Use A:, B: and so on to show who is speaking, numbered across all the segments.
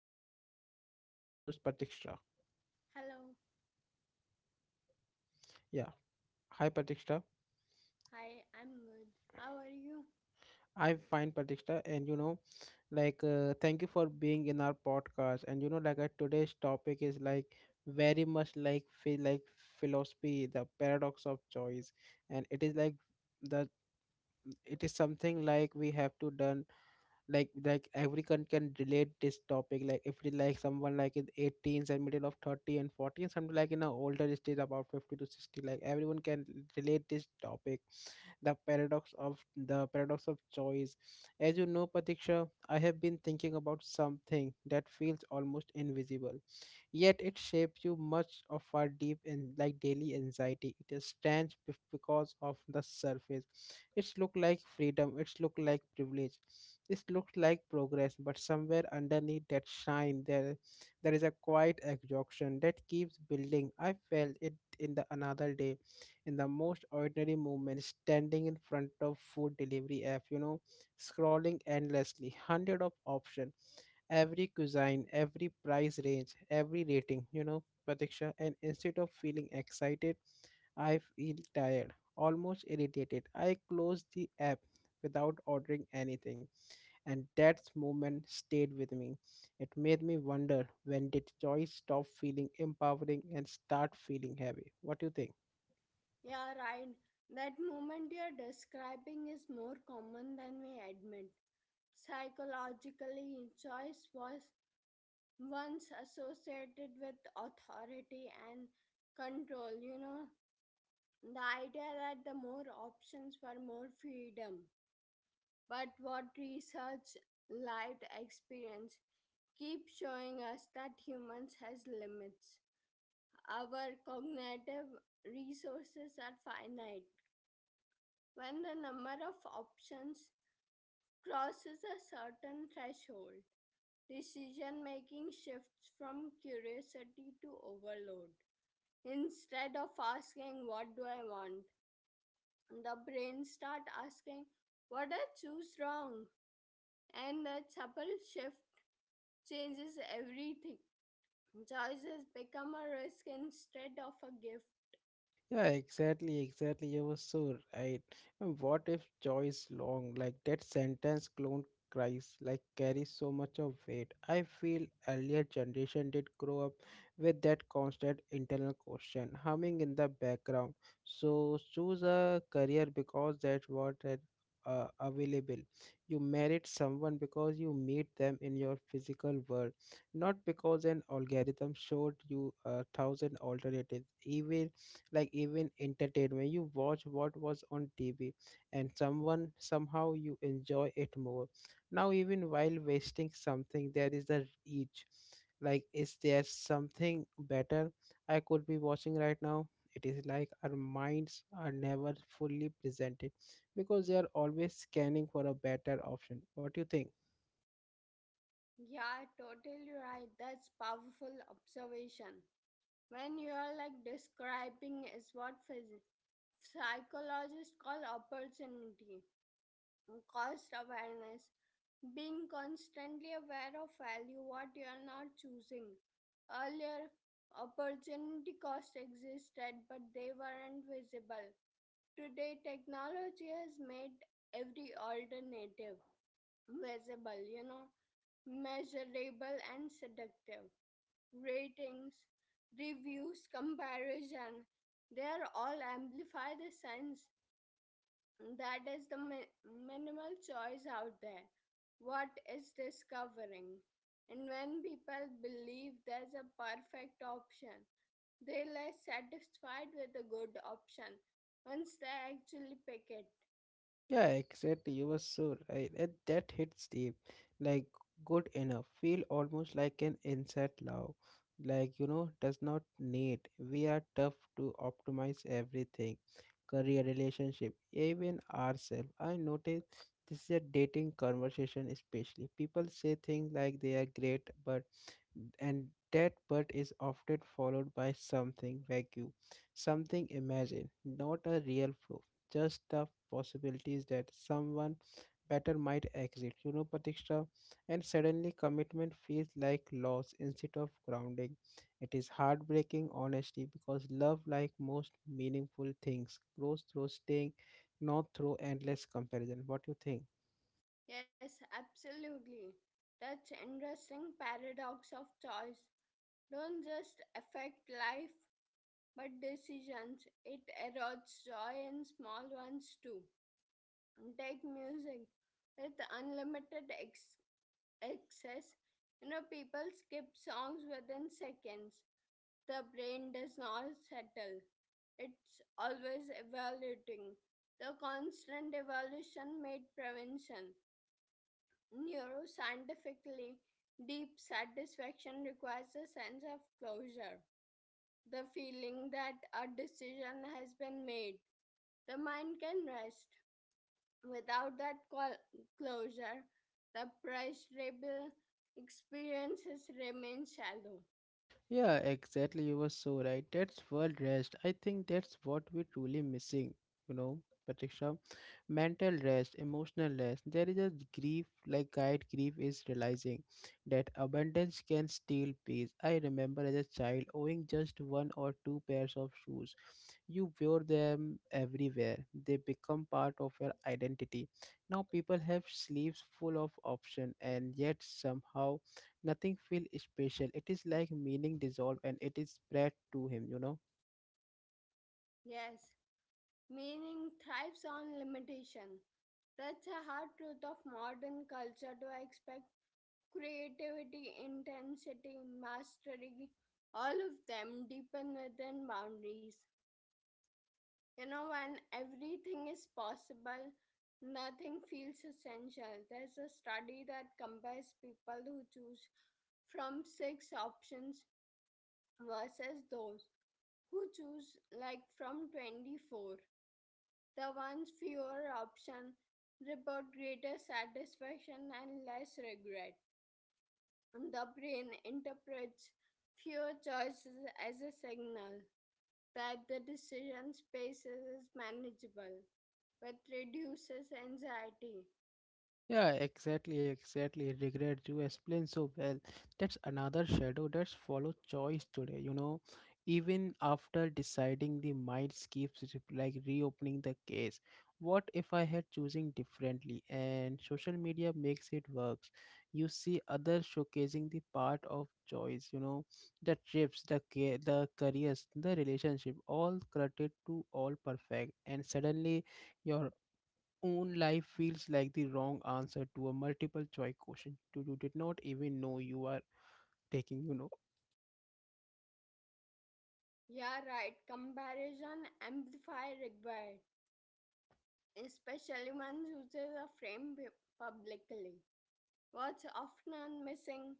A: and with me is our co-host Pratiksha.
B: Hello.
A: Yeah. Hi Pratiksha.
B: Hi, I'm good. How are you?
A: I'm fine Pratiksha and you know like thank you for being in our podcast, and you know like today's topic is like very much like feel like philosophy, the paradox of choice. And it is like the it is something like we have to done, like everyone can relate this topic, like if it like someone like in 18s and middle of 30 and 40, and something like in a older stage about 50 to 60, like everyone can relate this topic, the paradox of choice. As you know Patiksha, I have been thinking about something that feels almost invisible yet it shapes you much of our deep and like daily anxiety. It is stands because of the surface. It's look like freedom, it's look like privilege. It looks like progress, but somewhere underneath that shine there is a quiet exhaustion that keeps building. I felt it in the another day, in the most ordinary moment, standing in front of food delivery app, you know, scrolling endlessly hundred of options, every cuisine, every price range, every rating, you know, Pratiksha. And instead of feeling excited, I feel tired, almost irritated. I closed the app without ordering anything, and that moment stayed with me. It made me wonder, when did choice stop feeling empowering and start feeling heavy? What do you think?
B: Yeah, right. That moment you're describing is more common than we admit. Psychologically, choice was once associated with authority and control, you know, the idea that the more options were more freedom. But what research, lived experience keep showing us that humans has limits. Our cognitive resources are finite when the number of options crosses a certain threshold. Decision making shifts from curiosity to overload. Instead of asking, "What do I want?" the brain starts asking, "What I choose wrong?" And that subtle shift changes everything. Choices become a risk instead of a gift.
A: Yeah, exactly, exactly. You were so right. And what if joy is long? Like that sentence clone cries, like carries so much of weight. I feel earlier generation did grow up with that constant internal question humming in the background. So choose a career because that's what is available. You married someone because you meet them in your physical world, not because an algorithm showed you a thousand alternatives. Even entertainment, you watch what was on tv, and someone somehow you enjoy it more. Now even while wasting something there is a reach, like is there something better I could be watching right now? It is like our minds are never fully presented because they are always scanning for a better option. What do you think?
B: Yeah, totally right. That's powerful observation. When you are like describing is what psychologists call opportunity, cost awareness, being constantly aware of value what you are not choosing. Earlier, opportunity costs existed, but they weren't visible. Today, technology has made every alternative visible, you know, measurable and seductive ratings, reviews, comparison, they are all amplify the sense that is the minimal choice out there. What is discovering? And when people believe there's a perfect option, they're less satisfied with the good option once they actually pick it.
A: Yeah, exactly. You were so right. And that hits deep. Like good enough. Feel almost like an inside love. Like you know, does not need. We are tough to optimize everything. Career relationship, even ourselves. I notice this is a dating conversation especially. People say things like they are great but, and that but is often followed by something vague, something imagined, not a real flow, just the possibilities that someone better might exit. You know, Patiksha, and suddenly commitment feels like loss instead of grounding. It is heartbreaking, honestly, because love, like most meaningful things, grows through staying, not through endless comparison. What do you think?
B: Yes, absolutely. That's interesting paradox of choice. Don't just affect life but decisions. It erodes joy in small ones too. Take music with unlimited access. You know, people skip songs within seconds. The brain does not settle, it's always evaluating. The constant evolution made prevention. Neuroscientifically, deep satisfaction requires a sense of closure, the feeling that a decision has been made. The mind can rest. Without that closure, the pleasurable experiences remain shallow.
A: Yeah, exactly. You were so right. That's world rest. I think that's what we're truly missing, you know, Patricia. Mental rest, emotional rest. There is a grief, like guide grief is realizing that abundance can steal peace. I remember as a child owning just one or two pairs of shoes. You wear them everywhere. They become part of your identity. Now people have sleeves full of option and yet somehow nothing feel special. It is like meaning dissolve and it is spread to him, you know.
B: Yes, meaning thrives on limitation. That's a hard truth of modern culture to expect creativity, intensity, mastery, all of them deepen within boundaries. You know, when everything is possible, nothing feels essential. There's a study that compares people who choose from six options versus those who choose like from 24. The ones fewer option report greater satisfaction and less regret. The brain interprets fewer choices as a signal that the decision space is manageable, which reduces anxiety.
A: Yeah, exactly, exactly. Regret, you explain so well. That's another shadow that's follow choice today, you know. Even after deciding the mind keeps like reopening the case. What if I had choosing differently? And social media makes it works. You see others showcasing the part of choice, you know, the trips, the careers, the relationship, all credit to all perfect. And suddenly your own life feels like the wrong answer to a multiple choice question you did not even know you are taking, you know.
B: Yeah, right. Comparison amplifier required, especially when users are framed publicly. What's often missing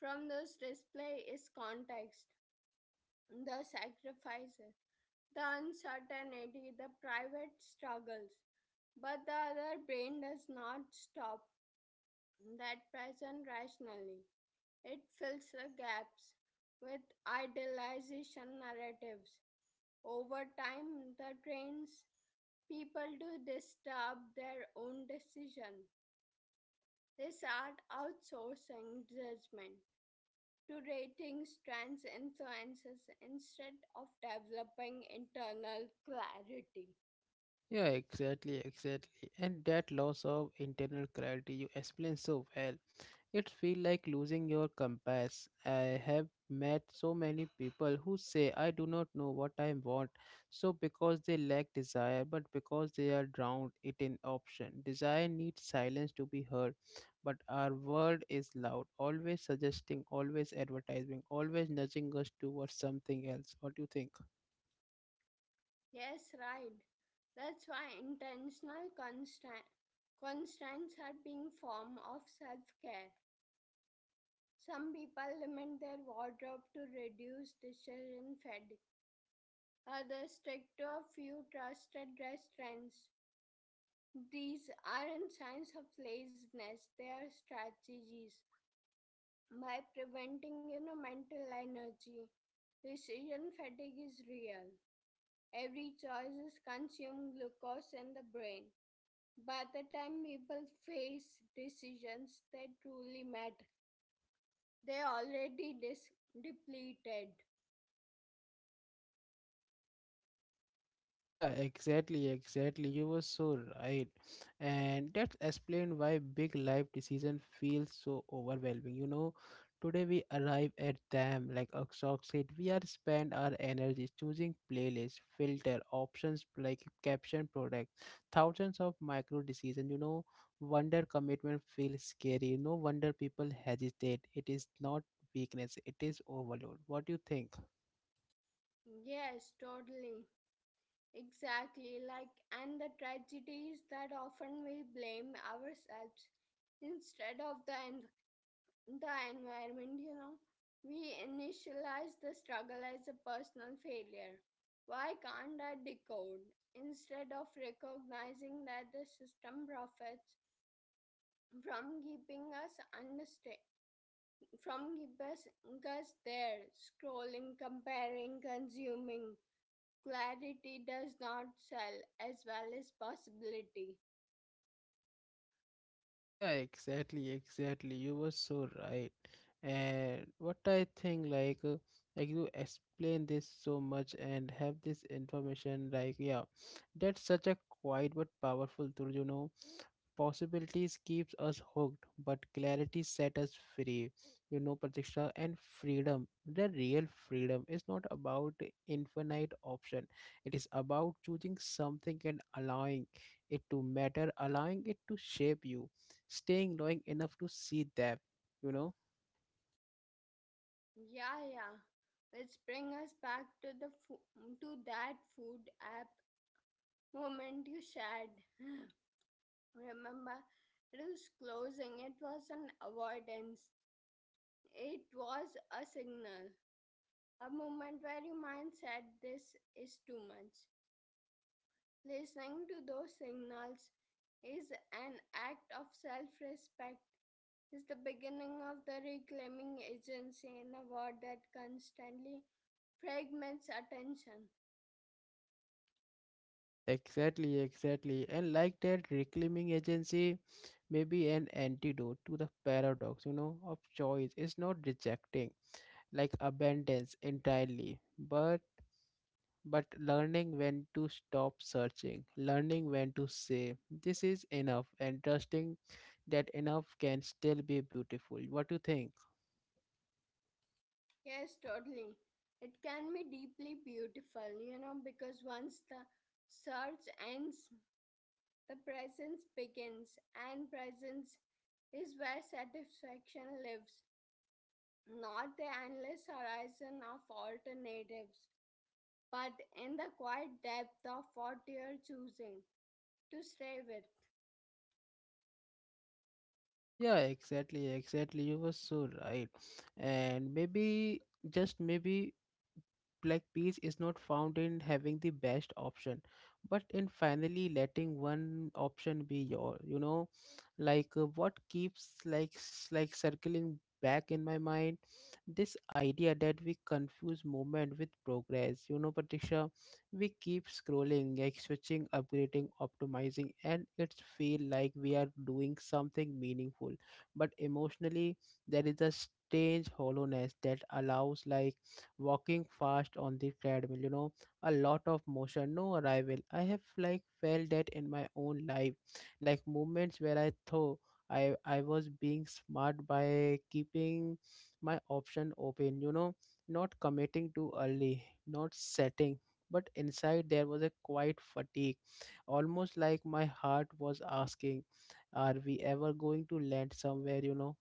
B: from this display is context, the sacrifices, the uncertainty, the private struggles. But the other brain does not stop that present rationally. It fills the gaps with idealization narratives. Over time, that trains people to disturb their own decision. They start outsourcing judgment to ratings, trends, influences instead of developing internal clarity.
A: Yeah, exactly, exactly. And that loss of internal clarity, you explain so well. It feel like losing your compass. I have met so many people who say I do not know what I want. So because they lack desire, but because they are drowned it in option. Desire needs silence to be heard. But our world is loud, always suggesting, always advertising, always nudging us towards something else. What do you think?
B: Yes, right. That's why intentional constant constraints are being form of self-care. Some people limit their wardrobe to reduce decision fatigue. Others stick to a few trusted restaurants. These aren't signs of laziness, they are strategies. By preventing you know, mental energy, decision fatigue is real. Every choice is consumed glucose in the brain. By the time people face decisions that truly matter, they're already depleted.
A: Yeah, exactly, exactly. You were so right. And that's explained why big life decision feels so overwhelming. You know, today we arrive at them like a shock sheet. We are spend our energy choosing playlist, filter, options like caption product, thousands of micro decision, you know, wonder commitment feels scary. No wonder people hesitate. It is not weakness, it is overload. What do you think?
B: Yes, totally. Exactly. Like, and the tragedy is that often we blame ourselves instead of the environment, you know. We initialize the struggle as a personal failure. Why can't I decode? Instead of recognizing that the system profits from from keep us there, scrolling, comparing, consuming. Clarity does not sell as well as possibility.
A: Yeah, exactly, exactly. You were so right. And what I think, like you explain this so much and have this information, like, yeah, that's such a quiet but powerful tool, you know. Possibilities keeps us hooked, but clarity set us free, you know, Pratiksha. And freedom, the real freedom, is not about infinite option. It is about choosing something and allowing it to matter, allowing it to shape you, staying long enough to see them, you know.
B: Yeah, yeah. Which brings us back to the to that food app moment you shared. Remember, it was closing. It was an avoidance. It was a signal. A moment where your mind said, "This is too much." Listening to those signals is an act of self-respect is the beginning of the reclaiming agency in a war that constantly fragments attention.
A: Yeah, exactly, exactly. And like that reclaiming agency may be an antidote to the paradox, you know, of choice. It's not rejecting like abundance entirely, but learning when to stop searching, learning when to say this is enough and trusting that enough can still be beautiful. What do you think?
B: Yes, totally. It can be deeply beautiful, you know, because once the search ends, the presence begins, and presence is where satisfaction lives, not the endless horizon of alternatives, but in the quiet depth of what you are choosing to stay with.
A: Yeah, exactly, exactly. You were so right. And maybe, just maybe, like peace is not found in having the best option but in finally letting one option be your, you know, like what keeps like like circling back in my mind this idea that we confuse movement with progress, you know, patricia. We keep scrolling, like switching, upgrading, optimizing, and it feel like we are doing something meaningful but emotionally there is a strange hollowness that allows like walking fast on the treadmill, you know, a lot of motion, no arrival. I have like felt that in my own life, like moments where I thought I was being smart by keeping my option open, you know, not committing too early, not setting. But inside there was a quiet fatigue, almost like my heart was asking, are we ever going to land somewhere? You know.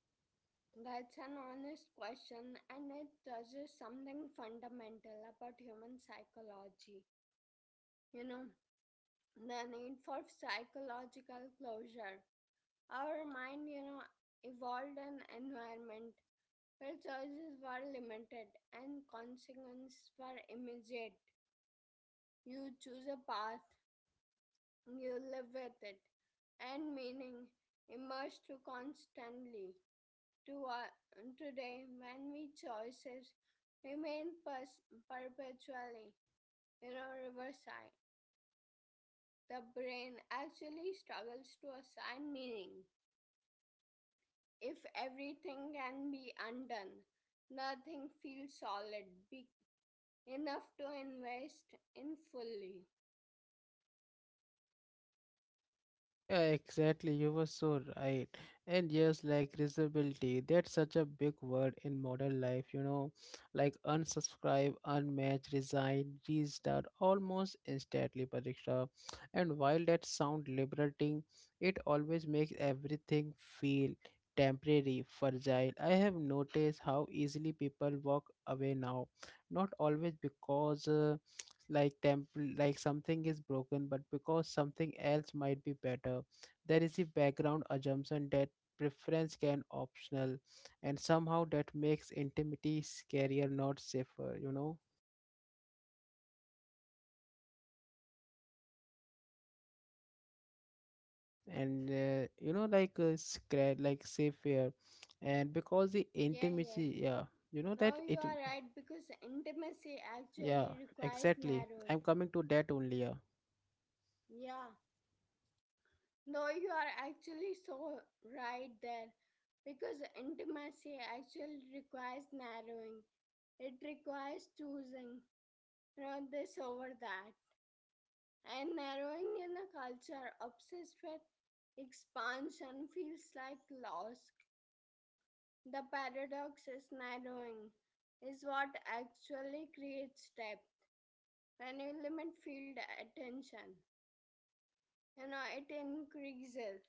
B: That's an honest question, and it touches something fundamental about human psychology. You know, the need for psychological closure. Our mind, you know, evolved an environment where choices were limited and consequences were immediate. You choose a path, you live with it, and meaning emerged too constantly. To, uh, Today, when we choices remain perpetually, you know, riverside, the brain actually struggles to assign meaning. If everything can be undone, nothing feels solid enough to invest in fully.
A: Yeah, exactly. You were so right. And yes, like visibility, that's such a big word in modern life, you know, like unsubscribe, unmatch, resign, restart almost instantly, Pariksha. And while that sound liberating, it always makes everything feel temporary, fragile. I have noticed how easily people walk away now, not always because like temple like something is broken but because something else might be better. There is a background assumption that preference can optional, and somehow that makes intimacy scarier not safer, you know. And you know like like safer, and because the
B: Yeah, yeah.
A: intimacy, yeah, you know that
B: No, you
A: it,
B: are right because intimacy
A: yeah,
B: actually requires
A: exactly,
B: narrowing.
A: I'm coming to that only, yeah.
B: Yeah. No, you are actually so right there because intimacy actually requires narrowing. It requires choosing, you know, this over that. And narrowing in a culture obsessed with expansion feels like loss. The paradox is narrowing is what actually creates depth. When you limit field attention, you know, it increases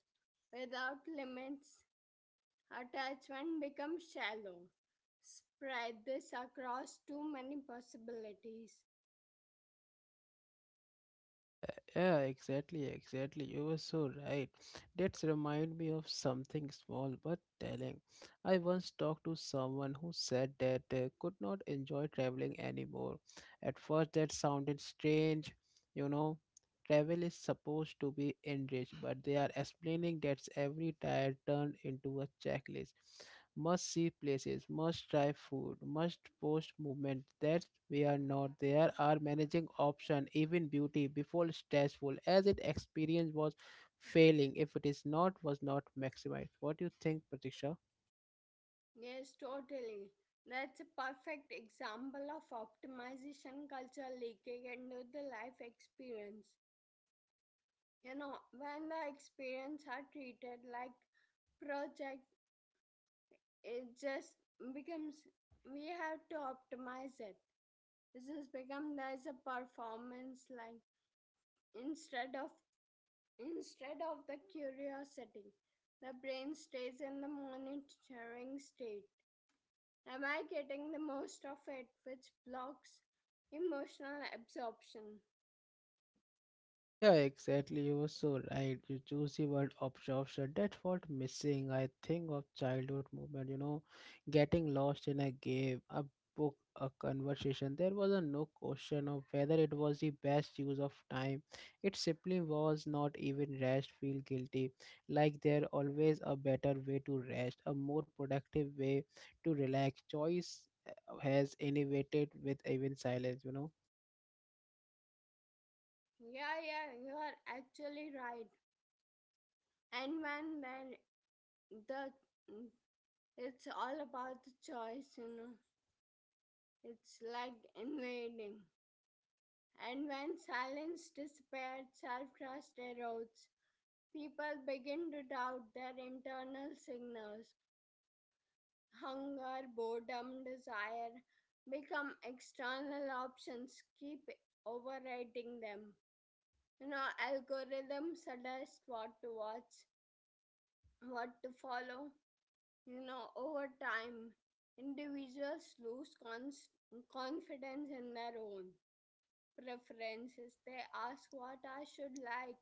B: without limits. Attachment becomes shallow. Spread this across too many possibilities.
A: Yeah, yeah, exactly, exactly. You were so right. That's remind me of something small but telling. I once talked to someone who said that they could not enjoy traveling anymore. At first, that sounded strange. You know, travel is supposed to be enriched, but they are explaining that every tire turned into a checklist, must see places, must try food, must post movement. That we are not. There are managing option, even beauty before stressful, as it experience was failing. If it is not, was not maximized. What do you think, Pratiksha?
B: Yes, totally. That's a perfect example of optimization culture leaking into the life experience. You know, when the experience are treated like project, it just becomes we have to optimize it. This has become there's a performance like instead of instead of the curiosity, the brain stays in the monitoring state. Am I getting the most of it, which blocks emotional absorption?
A: Yeah, exactly. You were so right. You choose the word absorption. That's what missing. I think of childhood movement, you know, getting lost in a game, a book, a conversation. There was a no question of whether it was the best use of time. It simply was not even rest, feel guilty. Like there always a better way to rest, a more productive way to relax. Choice has innovated with even silence, you know.
B: Yeah, yeah, you are actually right. And when then the it's all about the choice, you know. It's like invading. And when silence disappears, self trust erodes. People begin to doubt their internal signals. Hunger, boredom, desire become external options, keep overriding them. You know, algorithms suggest what to watch, what to follow. You know, over time, individuals lose confidence in their own preferences. They ask what I should like,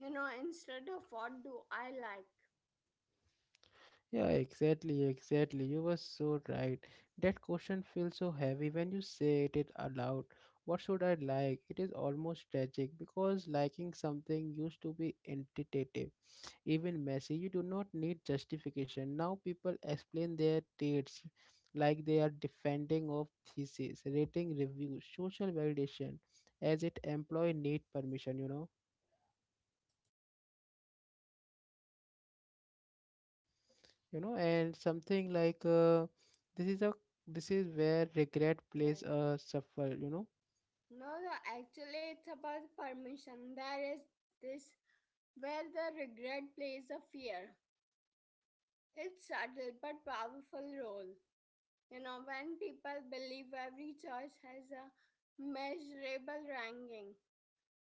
B: you know, instead of what do I like.
A: Yeah, exactly, exactly. You were so right. That question feels so heavy when you say it aloud. What should I like? It is almost tragic because liking something used to be intuitive, even messy. You do not need justification. Now people explain their traits like they are defending of thesis, rating reviews, social validation, as it employee need permission, you know. You know, and something like this is a this is where regret plays
B: Yes.
A: a shuffle, you know.
B: No, no, actually, it's about permission. There is this where the regret plays a fear. It's subtle but powerful role. You know, when people believe every choice has a measurable ranking,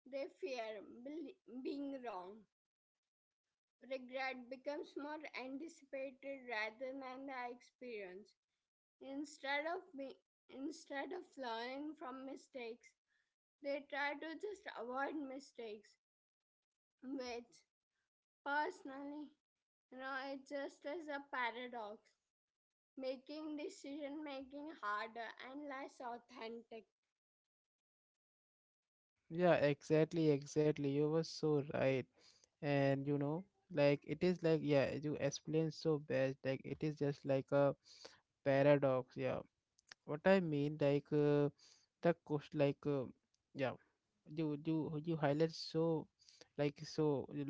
B: they fear being wrong. Regret becomes more anticipated rather than the experience. Instead of be- Instead of learning from mistakes, they try to just avoid mistakes, which personally, you know, it just is a paradox making decision making harder and less authentic.
A: Yeah, exactly, you were so right. And you know, like it is like, yeah, you explained so best, like it is just like a paradox, yeah. What I mean, like the cost, like yeah, you highlight so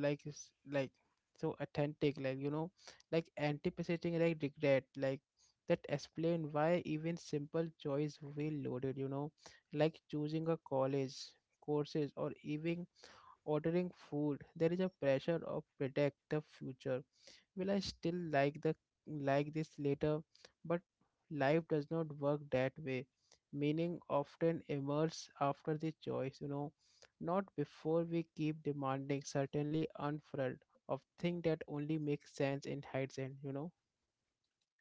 A: like s- like so authentic, like you know, like anticipating like regret, like that explain why even simple choice will loaded, you know, like choosing a college courses or even ordering food. There is a pressure of predict the future. Will I still like the like this later? But life does not work that way. Meaning often emerges after the choice, you know, not before. We keep demanding certainly unfurled of things that only make sense in hindsight, you know.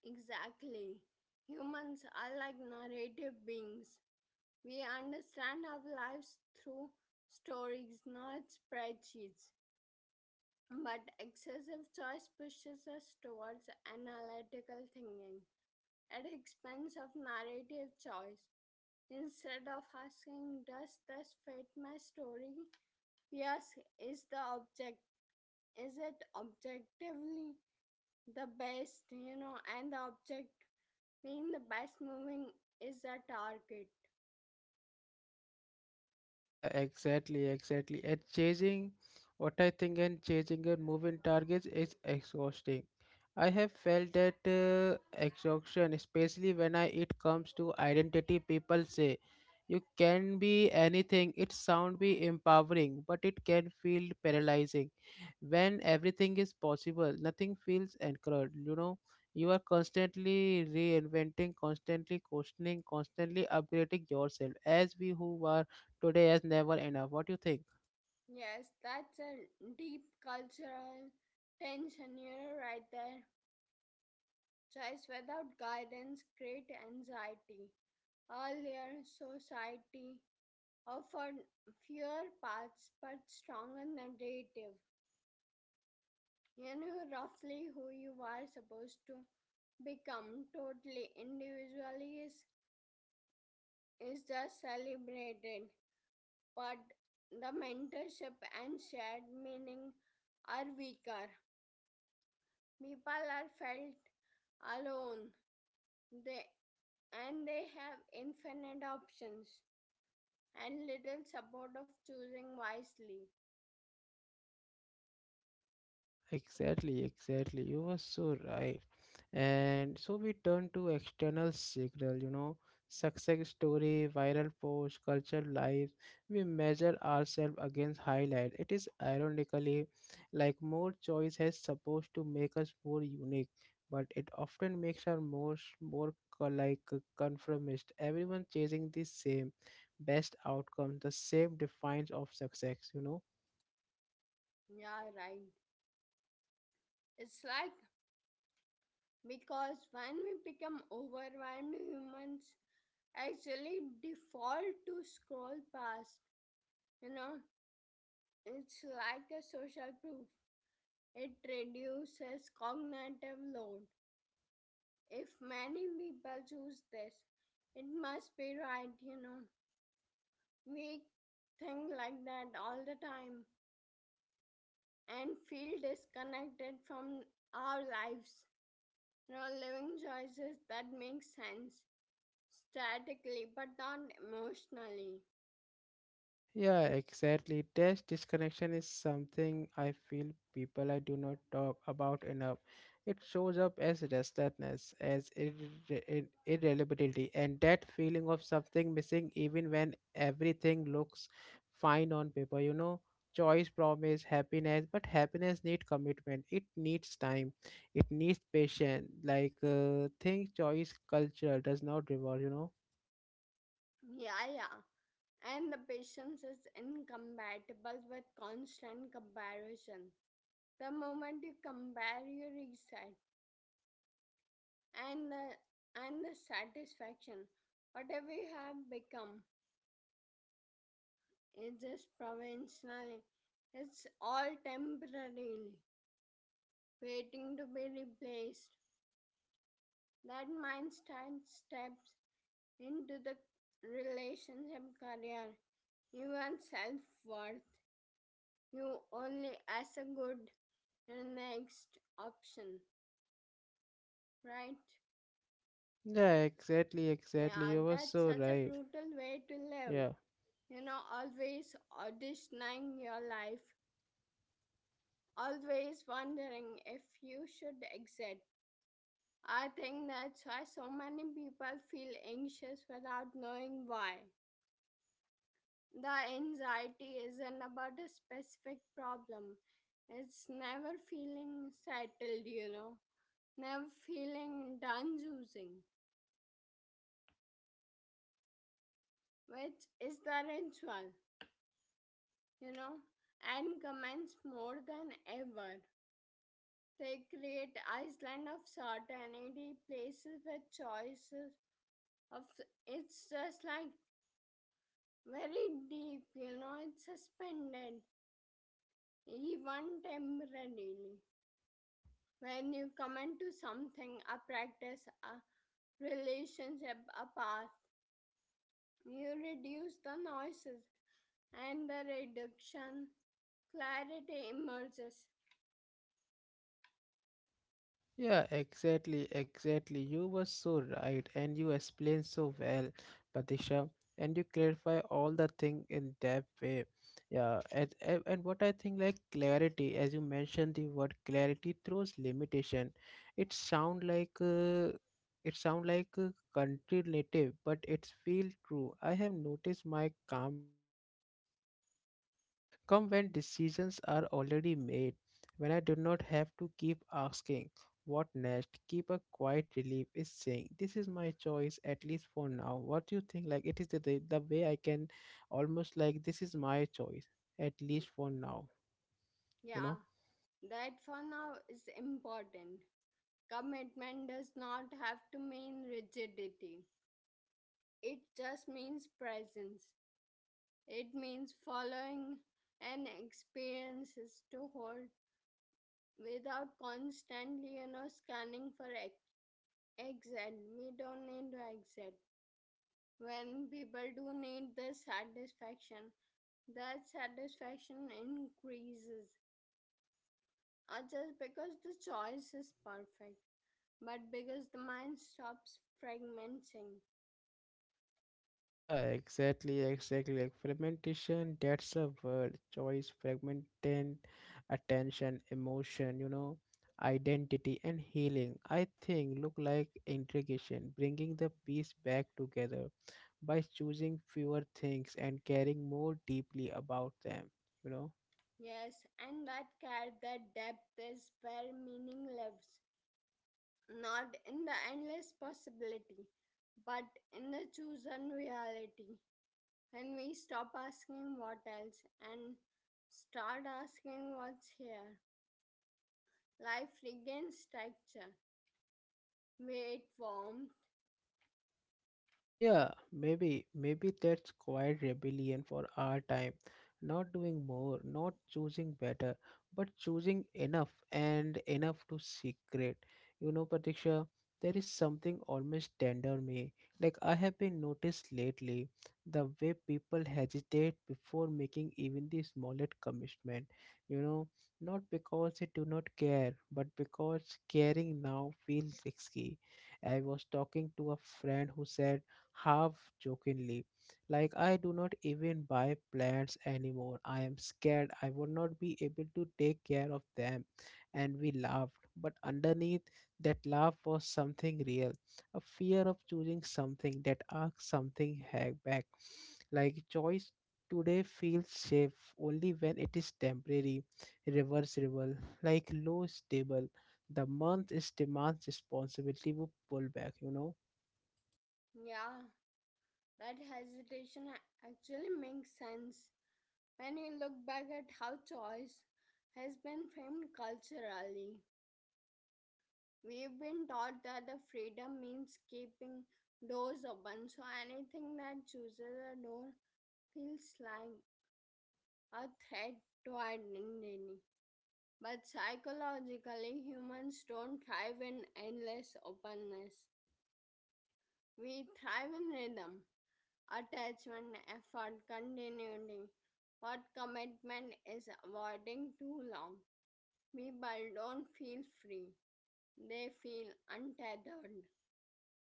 B: Exactly. Humans are like narrative beings. We understand our lives through stories, not spreadsheets. But excessive choice pushes us towards analytical thinking at the expense of narrative choice. Instead of asking, does this fit my story? Yes, is the object is it objectively the best, you know, and the object being the best moving is a target.
A: Yeah, exactly. And chasing what I think and chasing your moving targets is exhausting. I have felt that exhaustion, especially when I it comes to identity. People say you can be anything. It sound be empowering, but it can feel paralyzing. When everything is possible, nothing feels anchored. You know, you are constantly reinventing, constantly questioning, constantly upgrading yourself. As we who are today is never enough. What do you think?
B: Yes, that's a deep cultural tension, you know, right there. Choice without guidance create anxiety. Earlier, society offered fewer paths but stronger narrative. You knew roughly who you are supposed to become. Totally individually is just celebrated. But the mentorship and shared meaning are weaker. People are felt alone they, and they have infinite options and little support of choosing wisely.
A: Exactly, you were so right. And so we turn to external signal, you know, success story, viral post culture lives. We measure ourselves against highlight. It is ironically like more choice has supposed to make us more unique, but it often makes us more more co- like conformist. Everyone chasing the same best outcomes, the same defines of success, you know.
B: Yeah, right. It's like because when we become overwhelmed, humans actually default to scroll past. You know, it's like a social proof. It reduces cognitive load. If many people choose this, it must be right, you know. We think like that all the time and feel disconnected from our lives. You know, living choices that make sense statically but not emotionally.
A: Yeah, exactly. Test disconnection is something I feel people I do not talk about enough. It shows up as restlessness, as irreliability, and that feeling of something missing even when everything looks fine on paper. You know, choice promise happiness, but happiness need commitment. It needs time. It needs patience. Like think choice culture does not reward. You know.
B: Yeah, yeah. And the patience is incompatible with constant comparison. The moment you compare, you reset. and the, and the satisfaction whatever we have become is just provisionally, it's all temporarily waiting to be replaced. That mindset steps into the relationship career, even self-worth, you only as a good and next option, right?
A: Yeah, exactly.
B: Yeah,
A: You were
B: that's
A: so
B: such a
A: right.
B: brutal way to live,
A: Yeah.
B: you know, always auditioning your life, always wondering if you should exit. I think that's why so many people feel anxious without knowing why. The anxiety isn't about a specific problem, it's never feeling settled, you know, never feeling done choosing, which is the ritual, you know, and commence more than ever. They create Iceland of certainty, places with choices of it's just like very deep, you know, it's suspended even temporarily. When you commit to something, a practice, a relationship, a path, you reduce the noises and the reduction clarity emerges.
A: Yeah, exactly. You were so right, and you explained so well, Patisha, and you clarify all the thing in that way. Yeah, and what I think like clarity, as you mentioned the word clarity throws limitation. It sound like uh, it sound like country native, but it's feel true. I have noticed my calm legs moment come when decisions are already made, when I do not have to keep asking what next, keep a quiet relief is saying this is my choice at least for now. What do you think? Like it is the way I can almost like this is my choice at least for now, you know?
B: Yeah, that for now is important. Commitment does not have to mean rigidity. It just means presence. It means following an experience is to hold without constantly, you know, scanning for exit. We don't need to exit. When people do need the satisfaction, that satisfaction increases. Not just because the choice is perfect, but because the mind stops fragmenting.
A: Yeah, exactly. Like fragmentation, that's a word. Choice, fragmentation, attention, emotion, you know, identity and healing. I think look like integration, bringing the piece back together by choosing fewer things and caring more deeply about them, you know.
B: Yes, and that care, that depth is where meaning lives, not in the endless possibility, but in the chosen reality. When we stop asking what else and start asking what's here, life regains structure. Wait, warmth.
A: Yeah, maybe that's quiet rebellion for our time. Not doing more, not choosing better, but choosing enough and enough to secret. You know, Pratiksha, there is something almost tender me. Like I have been noticed lately, the way people hesitate before making even the smallest commitment. You know, not because they do not care, but because caring now feels risky. I was talking to a friend who said half jokingly, like, I do not even buy plants anymore. I am scared I would not be able to take care of them. And we laughed, but underneath that laugh was something real, a fear of choosing something that asks something ha- back. Like, choice today feels safe only when it is temporary, reversible, like low stable. The month is demands responsibility will pull back, you know.
B: Yeah, that hesitation actually makes sense when you look back at how choice has been framed culturally. We've been taught that the freedom means keeping doors open, so anything that chooses a door feels like a threat to identity. But psychologically, humans don't thrive in endless openness. We thrive in rhythm, attachment, effort, continuity. What commitment is avoiding too long? People don't feel free, they feel untethered.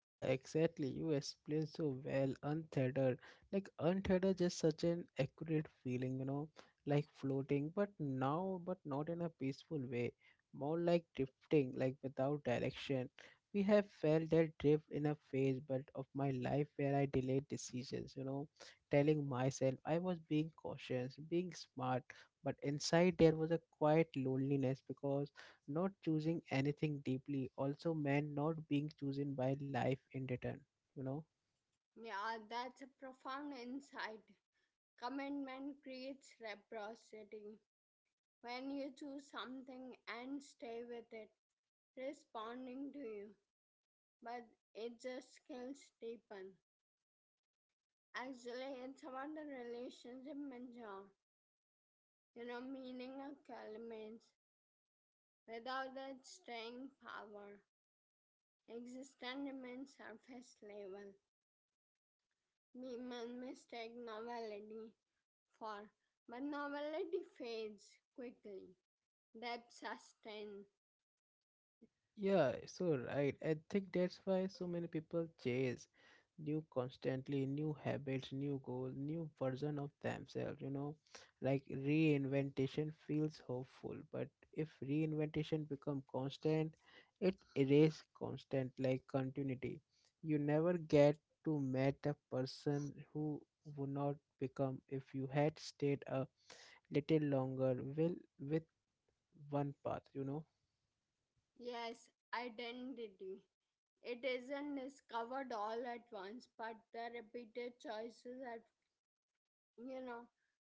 A: Yeah, exactly. You explained so well. Untethered, like untethered, just such an accurate feeling, you know, like floating, but now, but not in a peaceful way, more like drifting, like without direction. We have felt that drift in a phase, but of my life where I delayed decisions, you know, telling myself I was being cautious, being smart, but inside there was a quiet loneliness because not choosing anything deeply also meant not being chosen by life in return, you know?
B: Yeah, that's a profound insight. Commitment creates reciprocity. When you choose something and stay with it, responding to you, but it just skills deepen. Actually, it's about the relationship measure, you know, meaning of elements. Without that staying power, existence remains surface level. We men mistake novelty for, but novelty fades quickly. Depth sustains,
A: Yeah, so right. I think that's why so many people chase new constantly, new habits, new goals, new version of themselves, you know. Like reinventation feels hopeful, but if reinventation become constant, it erase constant like continuity. You never get to meet a person who would not become if you had stayed a little longer will with one path, you know.
B: yes, identity. It isn't discovered all at once, but the repeated choices at you know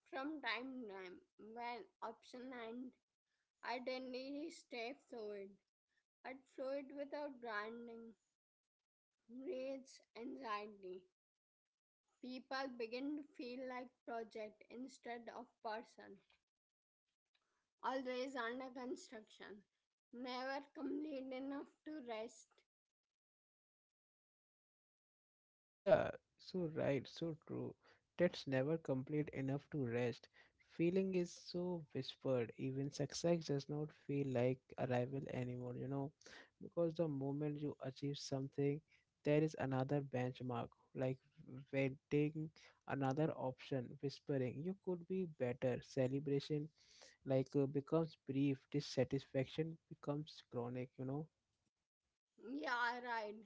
B: from time to time when option and identity stay fluid. But fluid without grounding creates anxiety. People begin to feel like project instead of person, always under construction, never complete enough to rest.
A: Yeah, so right, so true. That's never complete enough to rest. Feeling is so whispered. Even success does not feel like arrival anymore, you know, because the moment you achieve something, there is another benchmark, like waiting, another option, whispering, you could be better. Celebration, like, becomes brief. Dissatisfaction becomes chronic, you know.
B: Yeah, right.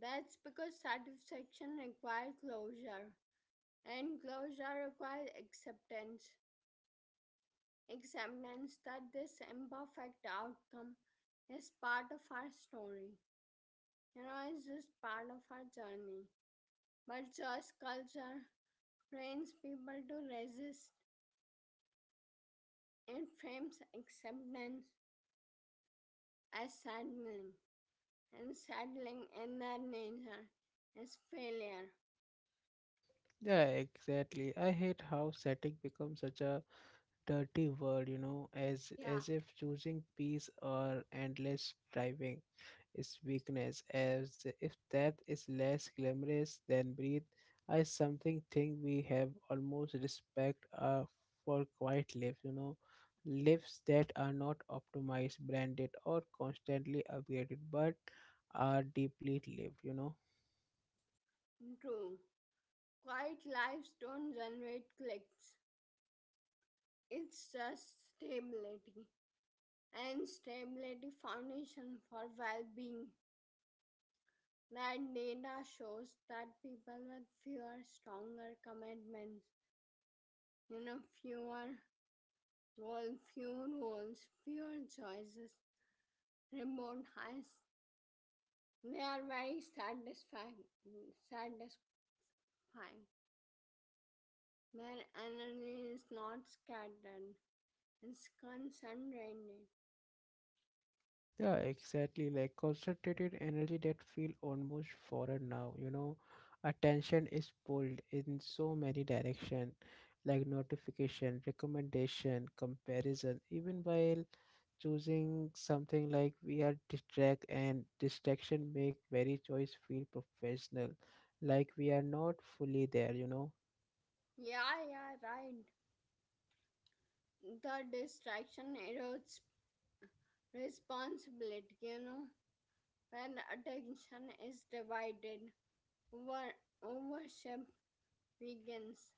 B: That's because satisfaction requires closure, and closure requires acceptance. Acceptance that this imperfect outcome is part of our story. You know, it's just part of our journey. But just culture trains people to resist. It frames acceptance as settling, and settling in that nature is failure.
A: Yeah, exactly. I hate how static becomes such a dirty world, you know,
B: Yeah,
A: as if choosing peace or endless striving is weakness, as if death is less glamorous than breath. I something think we have almost respect for quiet lives, you know, lives that are not optimized, branded, or constantly upgraded, but are deeply lived, you know.
B: true. Quiet lives don't generate clicks. It's just stability, and stability foundation for well-being. That data shows that people with fewer stronger commitments, you know, fewer roles, fewer choices, remote high. They are very satisfying. Their energy is not scattered, it's concentrated.
A: Yeah, exactly. Like concentrated energy that feel almost foreign now. You know, attention is pulled in so many direction, like notification, recommendation, comparison. Even while choosing something like we are distract and distraction make very choice feel professional, like we are not fully there. You know.
B: Yeah, yeah, right. The distraction erodes responsibility, you know. When attention is divided, over, worship weakens.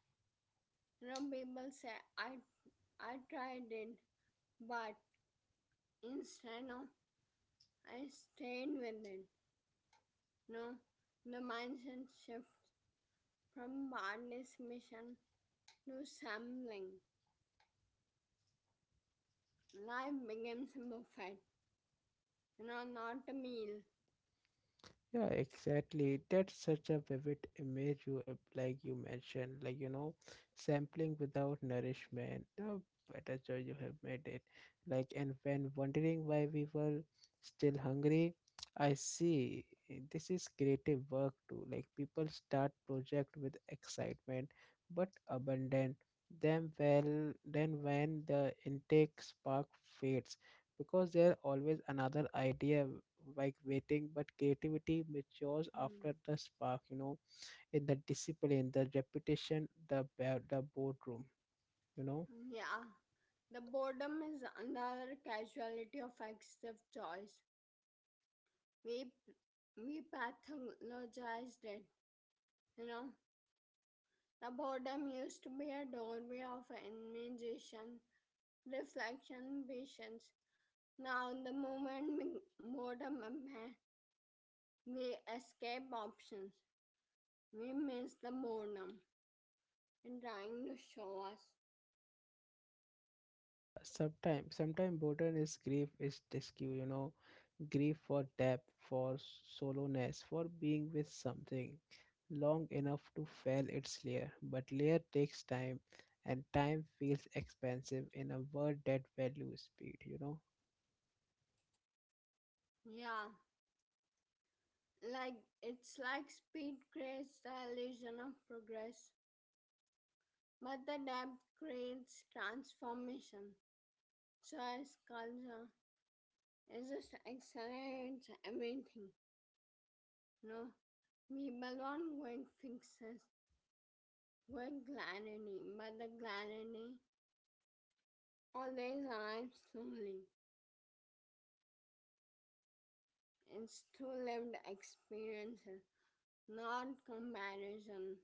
B: You know, people say, I, I tried it, but instead, no, I stayed with it. No, the mindset shifts. From Barney's mission to Samling, life becomes a buffet, you know, not a meal.
A: Yeah, exactly. That's such a vivid image you like you mentioned, like you know, sampling without nourishment. The better choice you have made it. Like and when wondering why we were still hungry, I see this is creative work too. Like people start project with excitement but abandon them well then when the intake spark fades because there's always another idea like waiting. But creativity matures
B: Hmm.
A: after the spark, you know, in the discipline, the repetition, the the boardroom, you know.
B: Yeah, the boredom is another casualty of excessive choice. We we pathologized it, you know. The boredom used to be a doorway of imagination, reflection, patience. Now, the moment boredom appear, we escape options. We miss the boredom and trying to show us.
A: Yeah, sometimes boredom is grief is rescue, you know, grief for depth, for soloness, for being with something long enough to fail its layer. But layer takes time, and time feels expensive in a world that values speed, you know.
B: Yeah, like it's like speed creates the illusion of progress, but the depth creates transformation. Choice culture is just accelerates everything. You know, people want quick fixes, quick clarity, but the clarity always arrives slowly. It's through lived experiences, not comparison.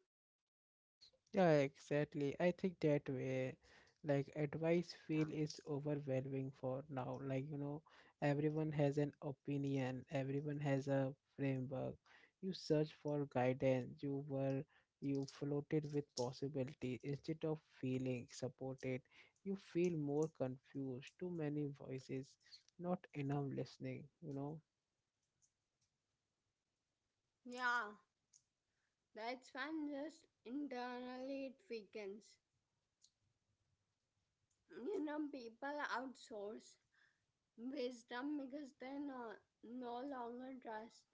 A: Yeah, exactly. I think that way, like advice
B: Yeah.
A: feel is overwhelming for now. Like, you know, everyone has an opinion, everyone has a framework. You search for guidance, you floated with possibility instead of feeling supported. You feel more confused, too many voices, not enough listening, you know.
B: Yeah, that's when just internally it weakens. You know, people outsource wisdom because they no longer trust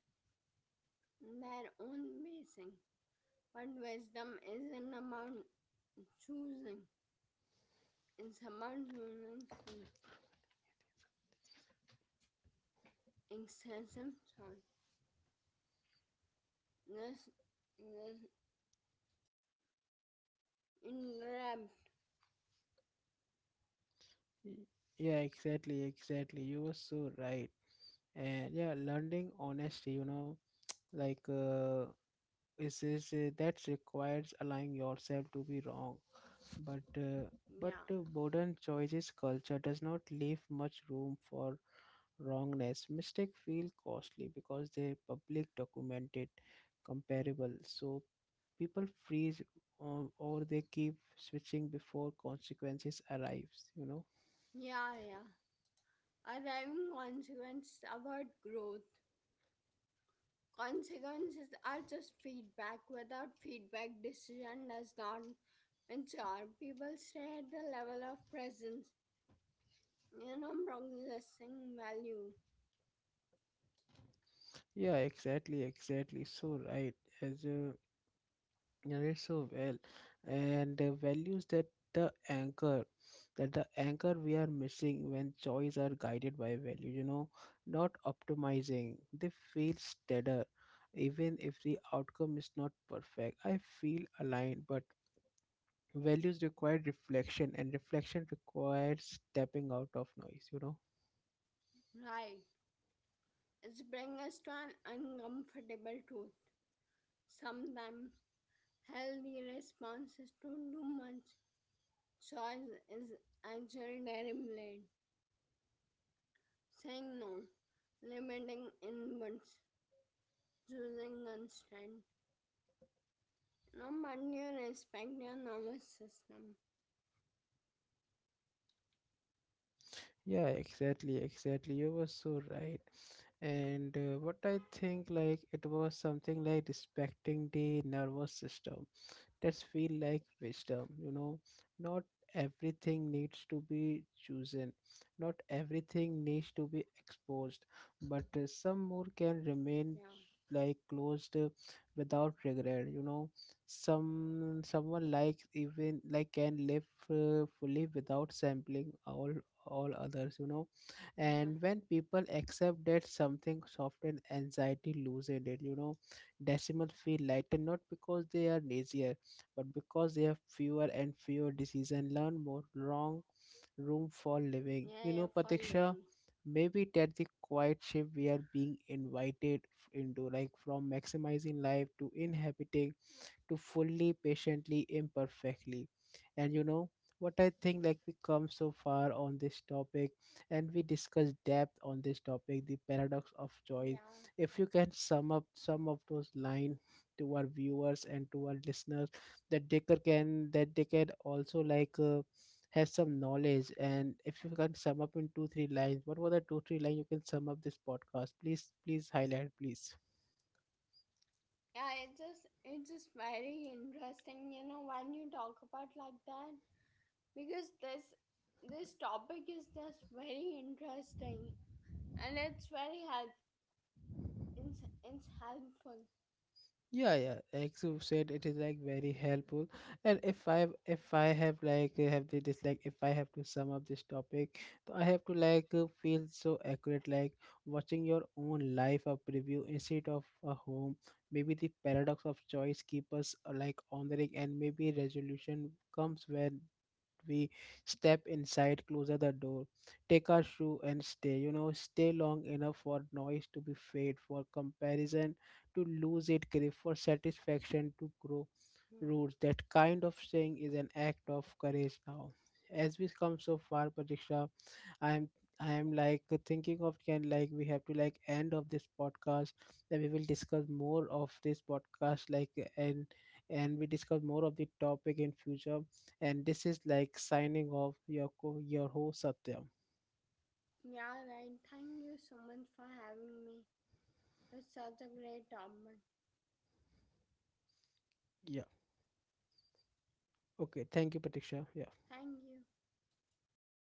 B: their own pacing. But wisdom isn't about choosing, it's about excessive joy. This, this in depth,
A: Y- Yeah, exactly. You were so right. And yeah, learning honesty, you know, like is that requires allowing yourself to be wrong, but uh, but
B: yeah,
A: modern choices culture does not leave much room for wrongness. Mistake feel costly because they public documented comparable, so people freeze, or they keep switching before consequences arrives, you know.
B: yeah. Arriving consequence about growth. Consequences are just feedback. Without feedback, decision does not mature. People stay at the level of presence, you know, progressing value.
A: Yeah exactly, so right, as narrate so well. And the values that the anchor the anchor we are missing when choice are guided by value, you know, not optimizing, they feel steadier, even if the outcome is not perfect. I feel aligned, but values require reflection and reflection requires stepping out of noise, you know.
B: Right. It's bring us to an uncomfortable truth. Sometimes healthy responses to too much choice is actually deliberate. Saying no, limiting inputs, choosing constraint. No, but you respect your nervous system.
A: Yeah, exactly. You were so right. And what I think, like, it was something like respecting the nervous system, that feel like wisdom, you know. Not everything needs to be chosen, not everything needs to be exposed, but some more can remain
B: Yeah,
A: like closed without regret, you know. Some someone like even like can live fully without sampling all others, you know.
B: yeah,
A: And when people accept that, something soften, anxiety loosen it, you know. Decimal feel lighter, not because they are lazier, but because they have fewer and fewer diseases and learn more long room for living, you know,
B: yeah,
A: Patiksha.
B: Following.
A: Maybe that's the quiet shift we are being invited into, like from maximizing life to inhabiting, to fully patiently imperfectly. And you know, what I think like we come so far on this topic, and we discuss depth on this topic, the paradox of choice.
B: Yeah,
A: If you can sum up some of those lines to our viewers and to our listeners, that they can that they can also like has some knowledge. And if you can sum up in 2-3 lines, what were the 2-3 lines you can sum up this podcast? Please, please highlight please.
B: yeah, it's just very interesting, you know, when you talk about like that, because this topic is just very interesting and it's helpful.
A: Yeah, yeah. Like you said, it is like very helpful. And if I have like have the this like if I have to sum up this topic, so I have to like feel so accurate. Like watching your own life a preview instead of a home. Maybe the paradox of choice keep us like honoring, and maybe resolution comes when we step inside, close the door, take our shoe and stay, you know, stay long enough for noise to be fade, for comparison to lose its grip, for satisfaction to grow
B: Yeah.
A: roots. That kind of thing is an act of courage now. As we come so far, Pratisha, I am I am like thinking of can like we have to like end of this podcast, then we will discuss more of this podcast like. And and we discuss more of the topic in future. And this is like signing off your your host Satyam.
B: Yeah, right. Thank you so much for having me. It's such a great topic.
A: Yeah. Okay. Thank you, Pratiksha. Yeah.
B: Thank you.